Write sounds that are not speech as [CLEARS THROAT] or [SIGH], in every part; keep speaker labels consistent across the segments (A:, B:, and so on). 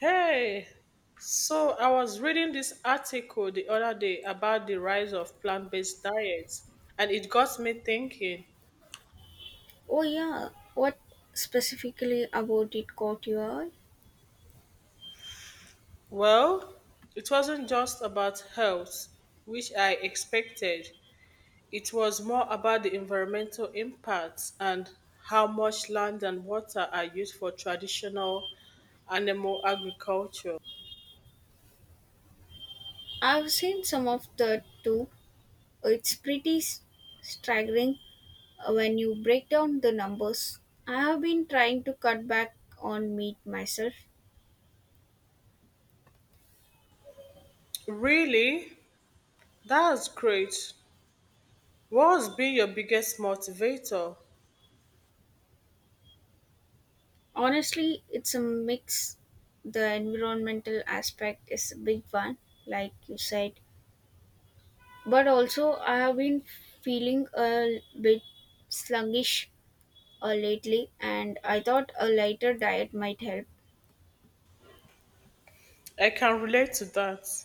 A: Hey, so I was reading this article the other day about the rise of plant based diets, and it got me thinking.
B: Oh, yeah. What specifically about it caught your eye?
A: Well, it wasn't just about health, which I expected, it was more about the environmental impacts and how much land and water are used for traditional animal agriculture.
B: I've seen some of that too. It's pretty staggering when you break down the numbers. I have been trying to cut back on meat myself.
A: Really? That's great. What has been your biggest motivator?
B: Honestly, it's a mix. The environmental aspect is a big one, like you said, but also I have been feeling a bit sluggish lately, and I thought a lighter diet might help.
A: I can relate to that.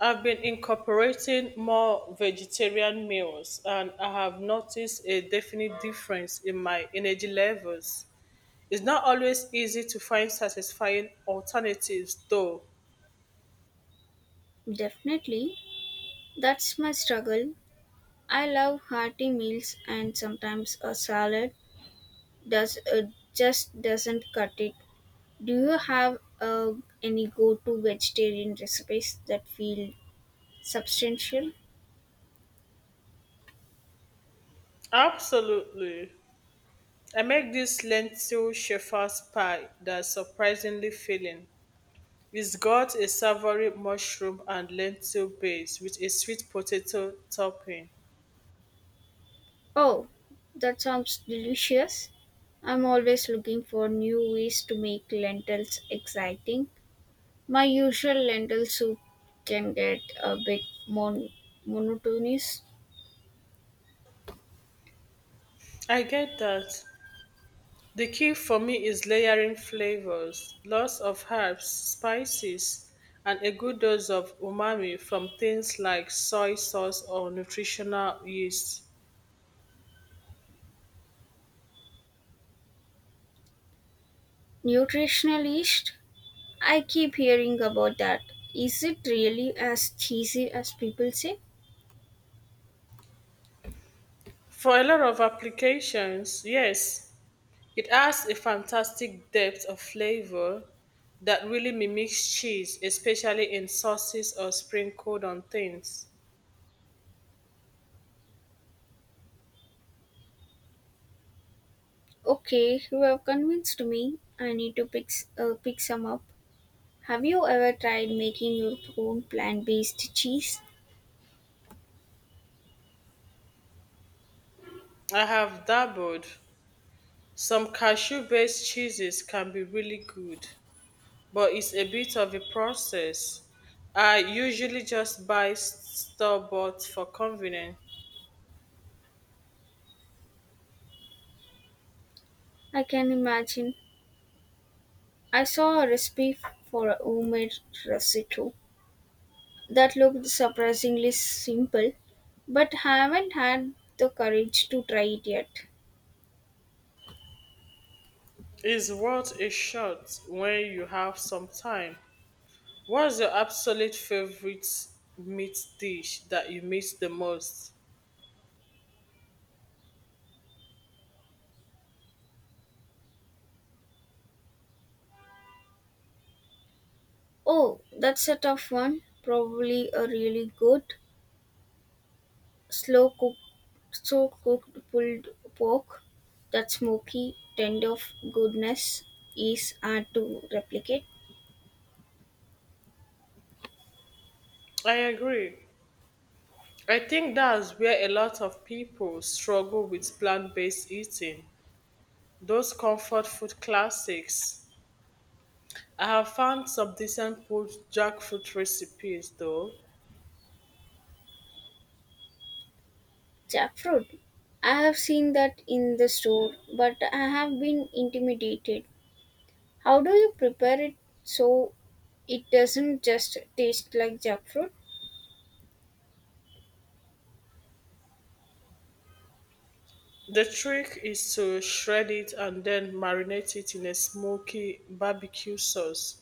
A: I've been incorporating more vegetarian meals and I have noticed a definite difference in my energy levels. It's not always easy to find satisfying alternatives though.
B: Definitely. That's my struggle. I love hearty meals and sometimes a salad does just doesn't cut it. Do you have any go-to vegetarian recipes that feel substantial?
A: Absolutely. I make this lentil shepherd's pie that's surprisingly filling. It's got a savory mushroom and lentil base with a sweet potato topping.
B: Oh, that sounds delicious. I'm always looking for new ways to make lentils exciting. My usual lentil soup can get a bit mon- monotonous.
A: I get that. The key for me is layering flavors, lots of herbs, spices, and a good dose of umami from things like soy sauce or nutritional yeast.
B: Nutritional yeast? I keep hearing about that. Is it really as cheesy as people say?
A: For a lot of applications, yes, it adds a fantastic depth of flavor that really mimics cheese, especially in sauces or sprinkled on things.
B: Okay, you have convinced me. I need to pick some up. Have you ever tried making your own plant-based cheese?
A: I have dabbled. Some cashew based cheeses can be really good, but it's a bit of a process. I usually just buy store bought for convenience.
B: I can imagine. I saw a for a homemade risotto that looked surprisingly simple, but haven't had the courage to try it yet.
A: It's worth a shot when you have some time. What's your absolute favorite meat dish that you miss the most?
B: Oh, that's a tough one. Probably a really good slow cooked pulled pork, that smoky, tender of goodness is hard to replicate.
A: I agree. I think that's where a lot of people struggle with plant based eating. Those comfort food classics. I have found some decent pulled jackfruit recipes though.
B: Jackfruit. I have seen that in the store, but I have been intimidated. How do you prepare it so it doesn't just taste like jackfruit?
A: The trick is to shred it and then marinate it in a smoky barbecue sauce.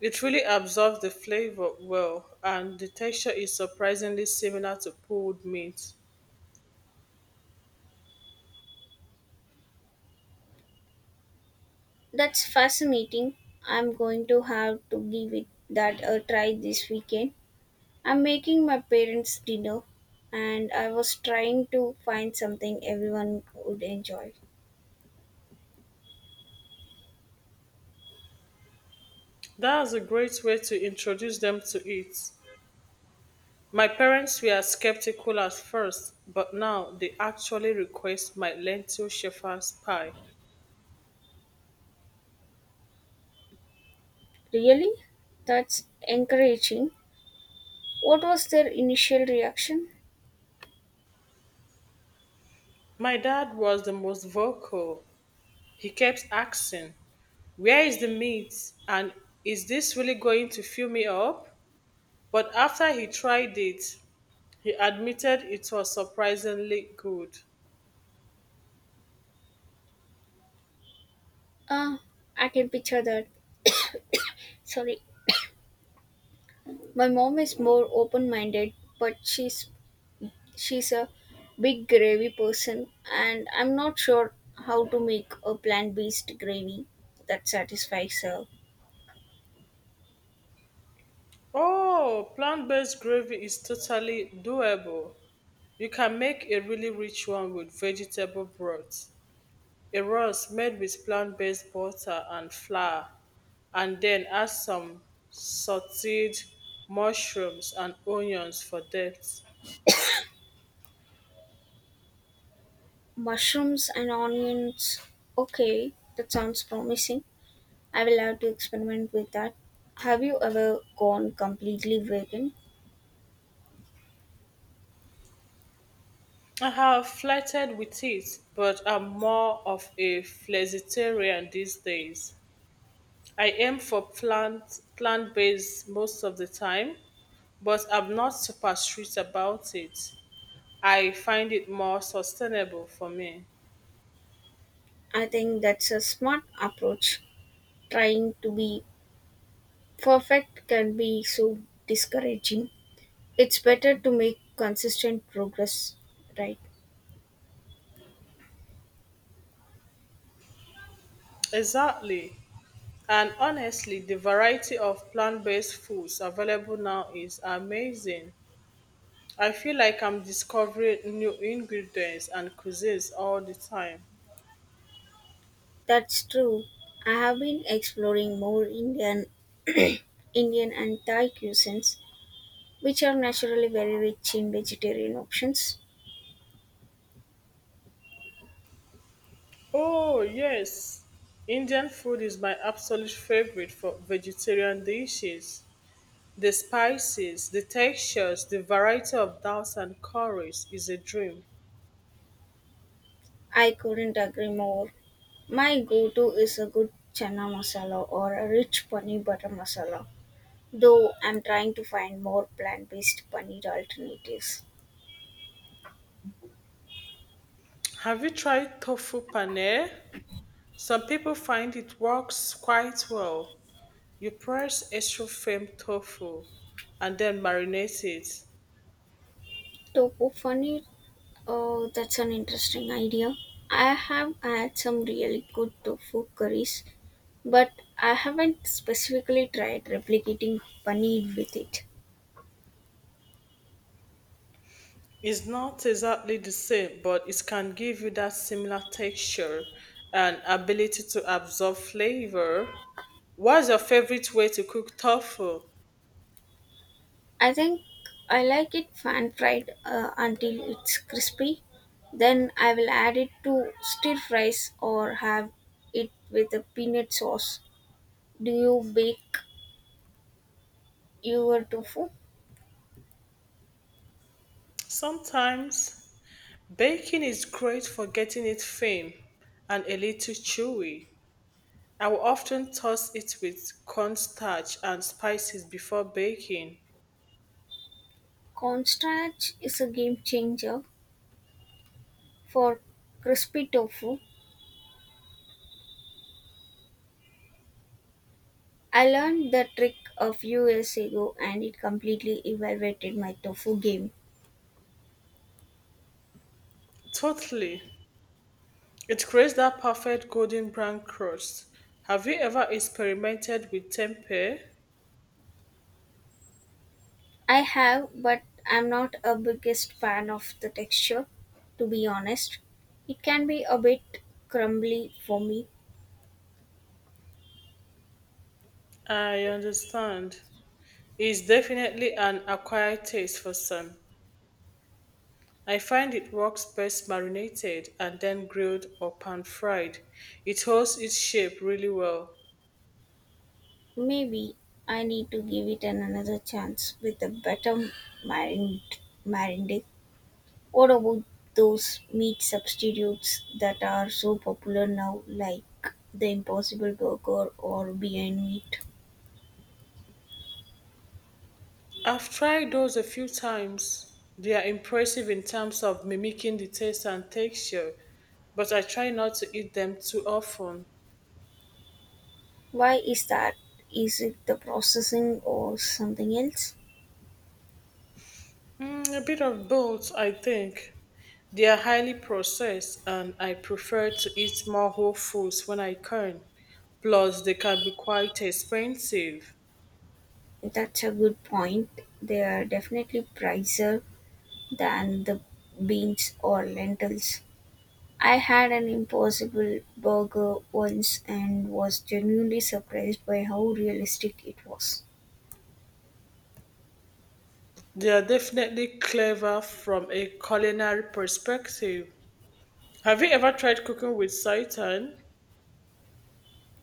A: It really absorbs the flavor well, and the texture is surprisingly similar to pulled meat.
B: That's fascinating. I'm going to have to give it that a try this weekend. I'm making my parents' dinner and I was trying to find something everyone would enjoy.
A: That's a great way to introduce them to it. My parents were skeptical at first, but now they actually request my lentil shepherd's pie.
B: Really? That's encouraging. What was their initial reaction?
A: My dad was the most vocal. He kept asking, where is the meat? And is this really going to fill me up? But after he tried it, he admitted it was surprisingly good.
B: Ah, I can picture that. Sorry. My mom is more open-minded, but she's a big gravy person and I'm not sure how to make a plant-based gravy that satisfies her.
A: Oh, plant based gravy is totally doable. You can make a really rich one with vegetable broth, a roast made with plant based butter and flour, and then add some sauteed mushrooms and onions for depth.
B: Mushrooms and onions. Okay, that sounds promising. I will have to experiment with that. Have you ever gone completely vegan?
A: I have flirted with it, but I'm more of a flexitarian these days. I aim for plant based most of the time, but I'm not super strict about it. I find it more sustainable for me.
B: I think that's a smart approach. Trying to be perfect can be so discouraging. It's better to make consistent progress, right?
A: Exactly. And honestly, the variety of plant based foods available now is amazing. I feel like I'm discovering new ingredients and cuisines all the time.
B: That's true. I have been exploring more Indian [CLEARS THROAT] Indian and Thai cuisines, which are naturally very rich in vegetarian options.
A: Oh, yes. Indian food is my absolute favorite for vegetarian dishes. The spices, the textures, the variety of doubts and curries is a dream.
B: I couldn't agree more. My go to is a good chana masala or a rich paneer butter masala. Though I'm trying to find more plant-based paneer alternatives.
A: Have you tried tofu paneer? Some people find it works quite well. You press extra firm tofu and then marinate it.
B: Tofu paneer, that's an interesting idea. I have had some really good tofu curries, but I haven't specifically tried replicating paneer with it.
A: It's not exactly the same, but it can give you that similar texture and ability to absorb flavor. What's your favorite way to cook tofu?
B: I think I like it pan-fried until it's crispy. Then I will add it to stir fries or have it with a peanut sauce. Do you bake your tofu?
A: Sometimes baking is great for getting it thin and a little chewy. I will often toss it with cornstarch and spices before baking.
B: Cornstarch is a game changer for crispy tofu. I learned the trick a few years ago and it completely evaluated my tofu game.
A: Totally. It creates that perfect golden brown crust. Have you ever experimented with tempeh?
B: I have, but I'm not a biggest fan of the texture, to be honest. It can be a bit crumbly for me.
A: I understand. It's definitely an acquired taste for some. I find it works best marinated and then grilled or pan fried. It holds its shape really well.
B: Maybe I need to give it an another chance with a better marin- marinade. What about those meat substitutes that are so popular now, like the Impossible Burger or Beyond Meat?
A: I've tried those a few times. They are impressive in terms of mimicking the taste and texture, but I try not to eat them too often.
B: Why is that? Is it the processing or something else?
A: Mm, a bit of both, I think. They are highly processed, and I prefer to eat more whole foods when I can. Plus, they can be quite expensive.
B: That's a good point. They are definitely pricier than the beans or lentils. I had an Impossible Burger once and was genuinely surprised by how realistic it was.
A: They are definitely clever from a culinary perspective. Have you ever tried cooking with seitan?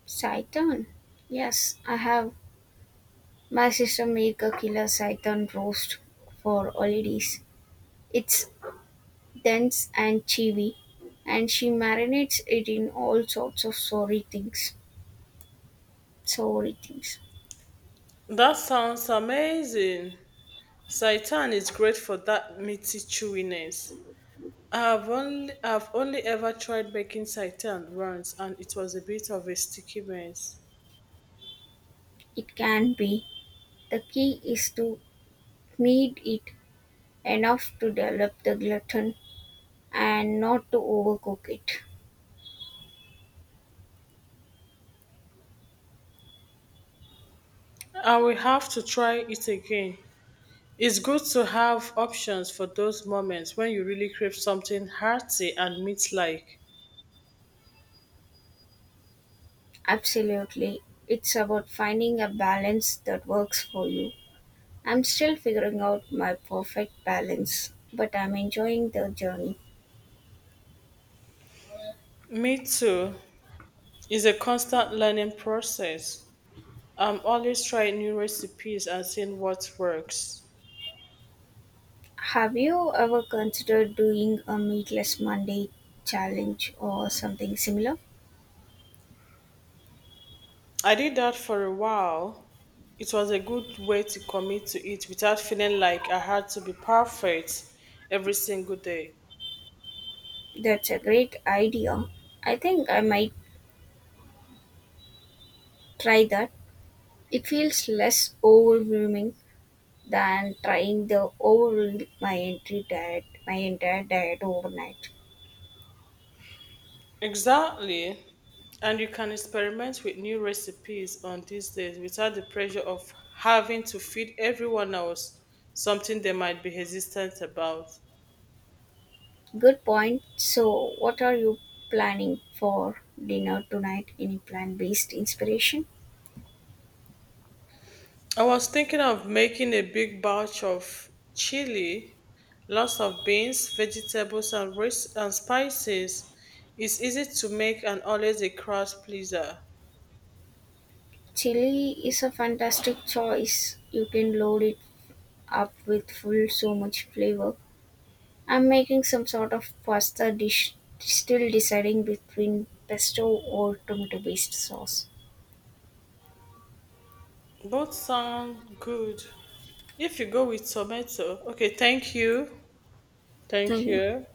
B: Saitan. Yes, I have. My sister make a killer python roast for holidays. It's dense and chewy, and she marinates it in all sorts of sorry things. Sorry things.
A: That sounds amazing. Seitan is great for that meaty chewiness. I've only ever tried making seitan once and it was a bit of a sticky mess.
B: It can be. The key is to knead it enough to develop the gluten and not to overcook it.
A: I will have to try it again. It's good to have options for those moments when you really crave something hearty and meat-like.
B: Absolutely. It's about finding a balance that works for you. I'm still figuring out my perfect balance, but I'm enjoying the journey.
A: Me too is a constant learning process. I'm always trying new recipes and seeing what works.
B: Have you ever considered doing a Meatless Monday challenge or something similar?
A: I did that for a while. It was a good way to commit to it without feeling like I had to be perfect every single day.
B: That's a great idea. I think I might try that. It feels less overwhelming than trying the overall my entry diet my entire diet overnight.
A: Exactly. And you can experiment with new recipes on these days without the pressure of having to feed everyone else something they might be hesitant about.
B: Good point. So what are you planning for dinner tonight? Any plant based inspiration?
A: I was thinking of making a big batch of chili, lots of beans, vegetables, and, and spices. It's easy to make and always a crowd pleaser.
B: Chili is a fantastic choice. You can load it up with full so much flavor. I'm making some sort of pasta dish, still deciding between pesto or tomato based sauce.
A: Both sound good. If you go with tomato, okay, thank you. Thank
B: Thank you.
A: you.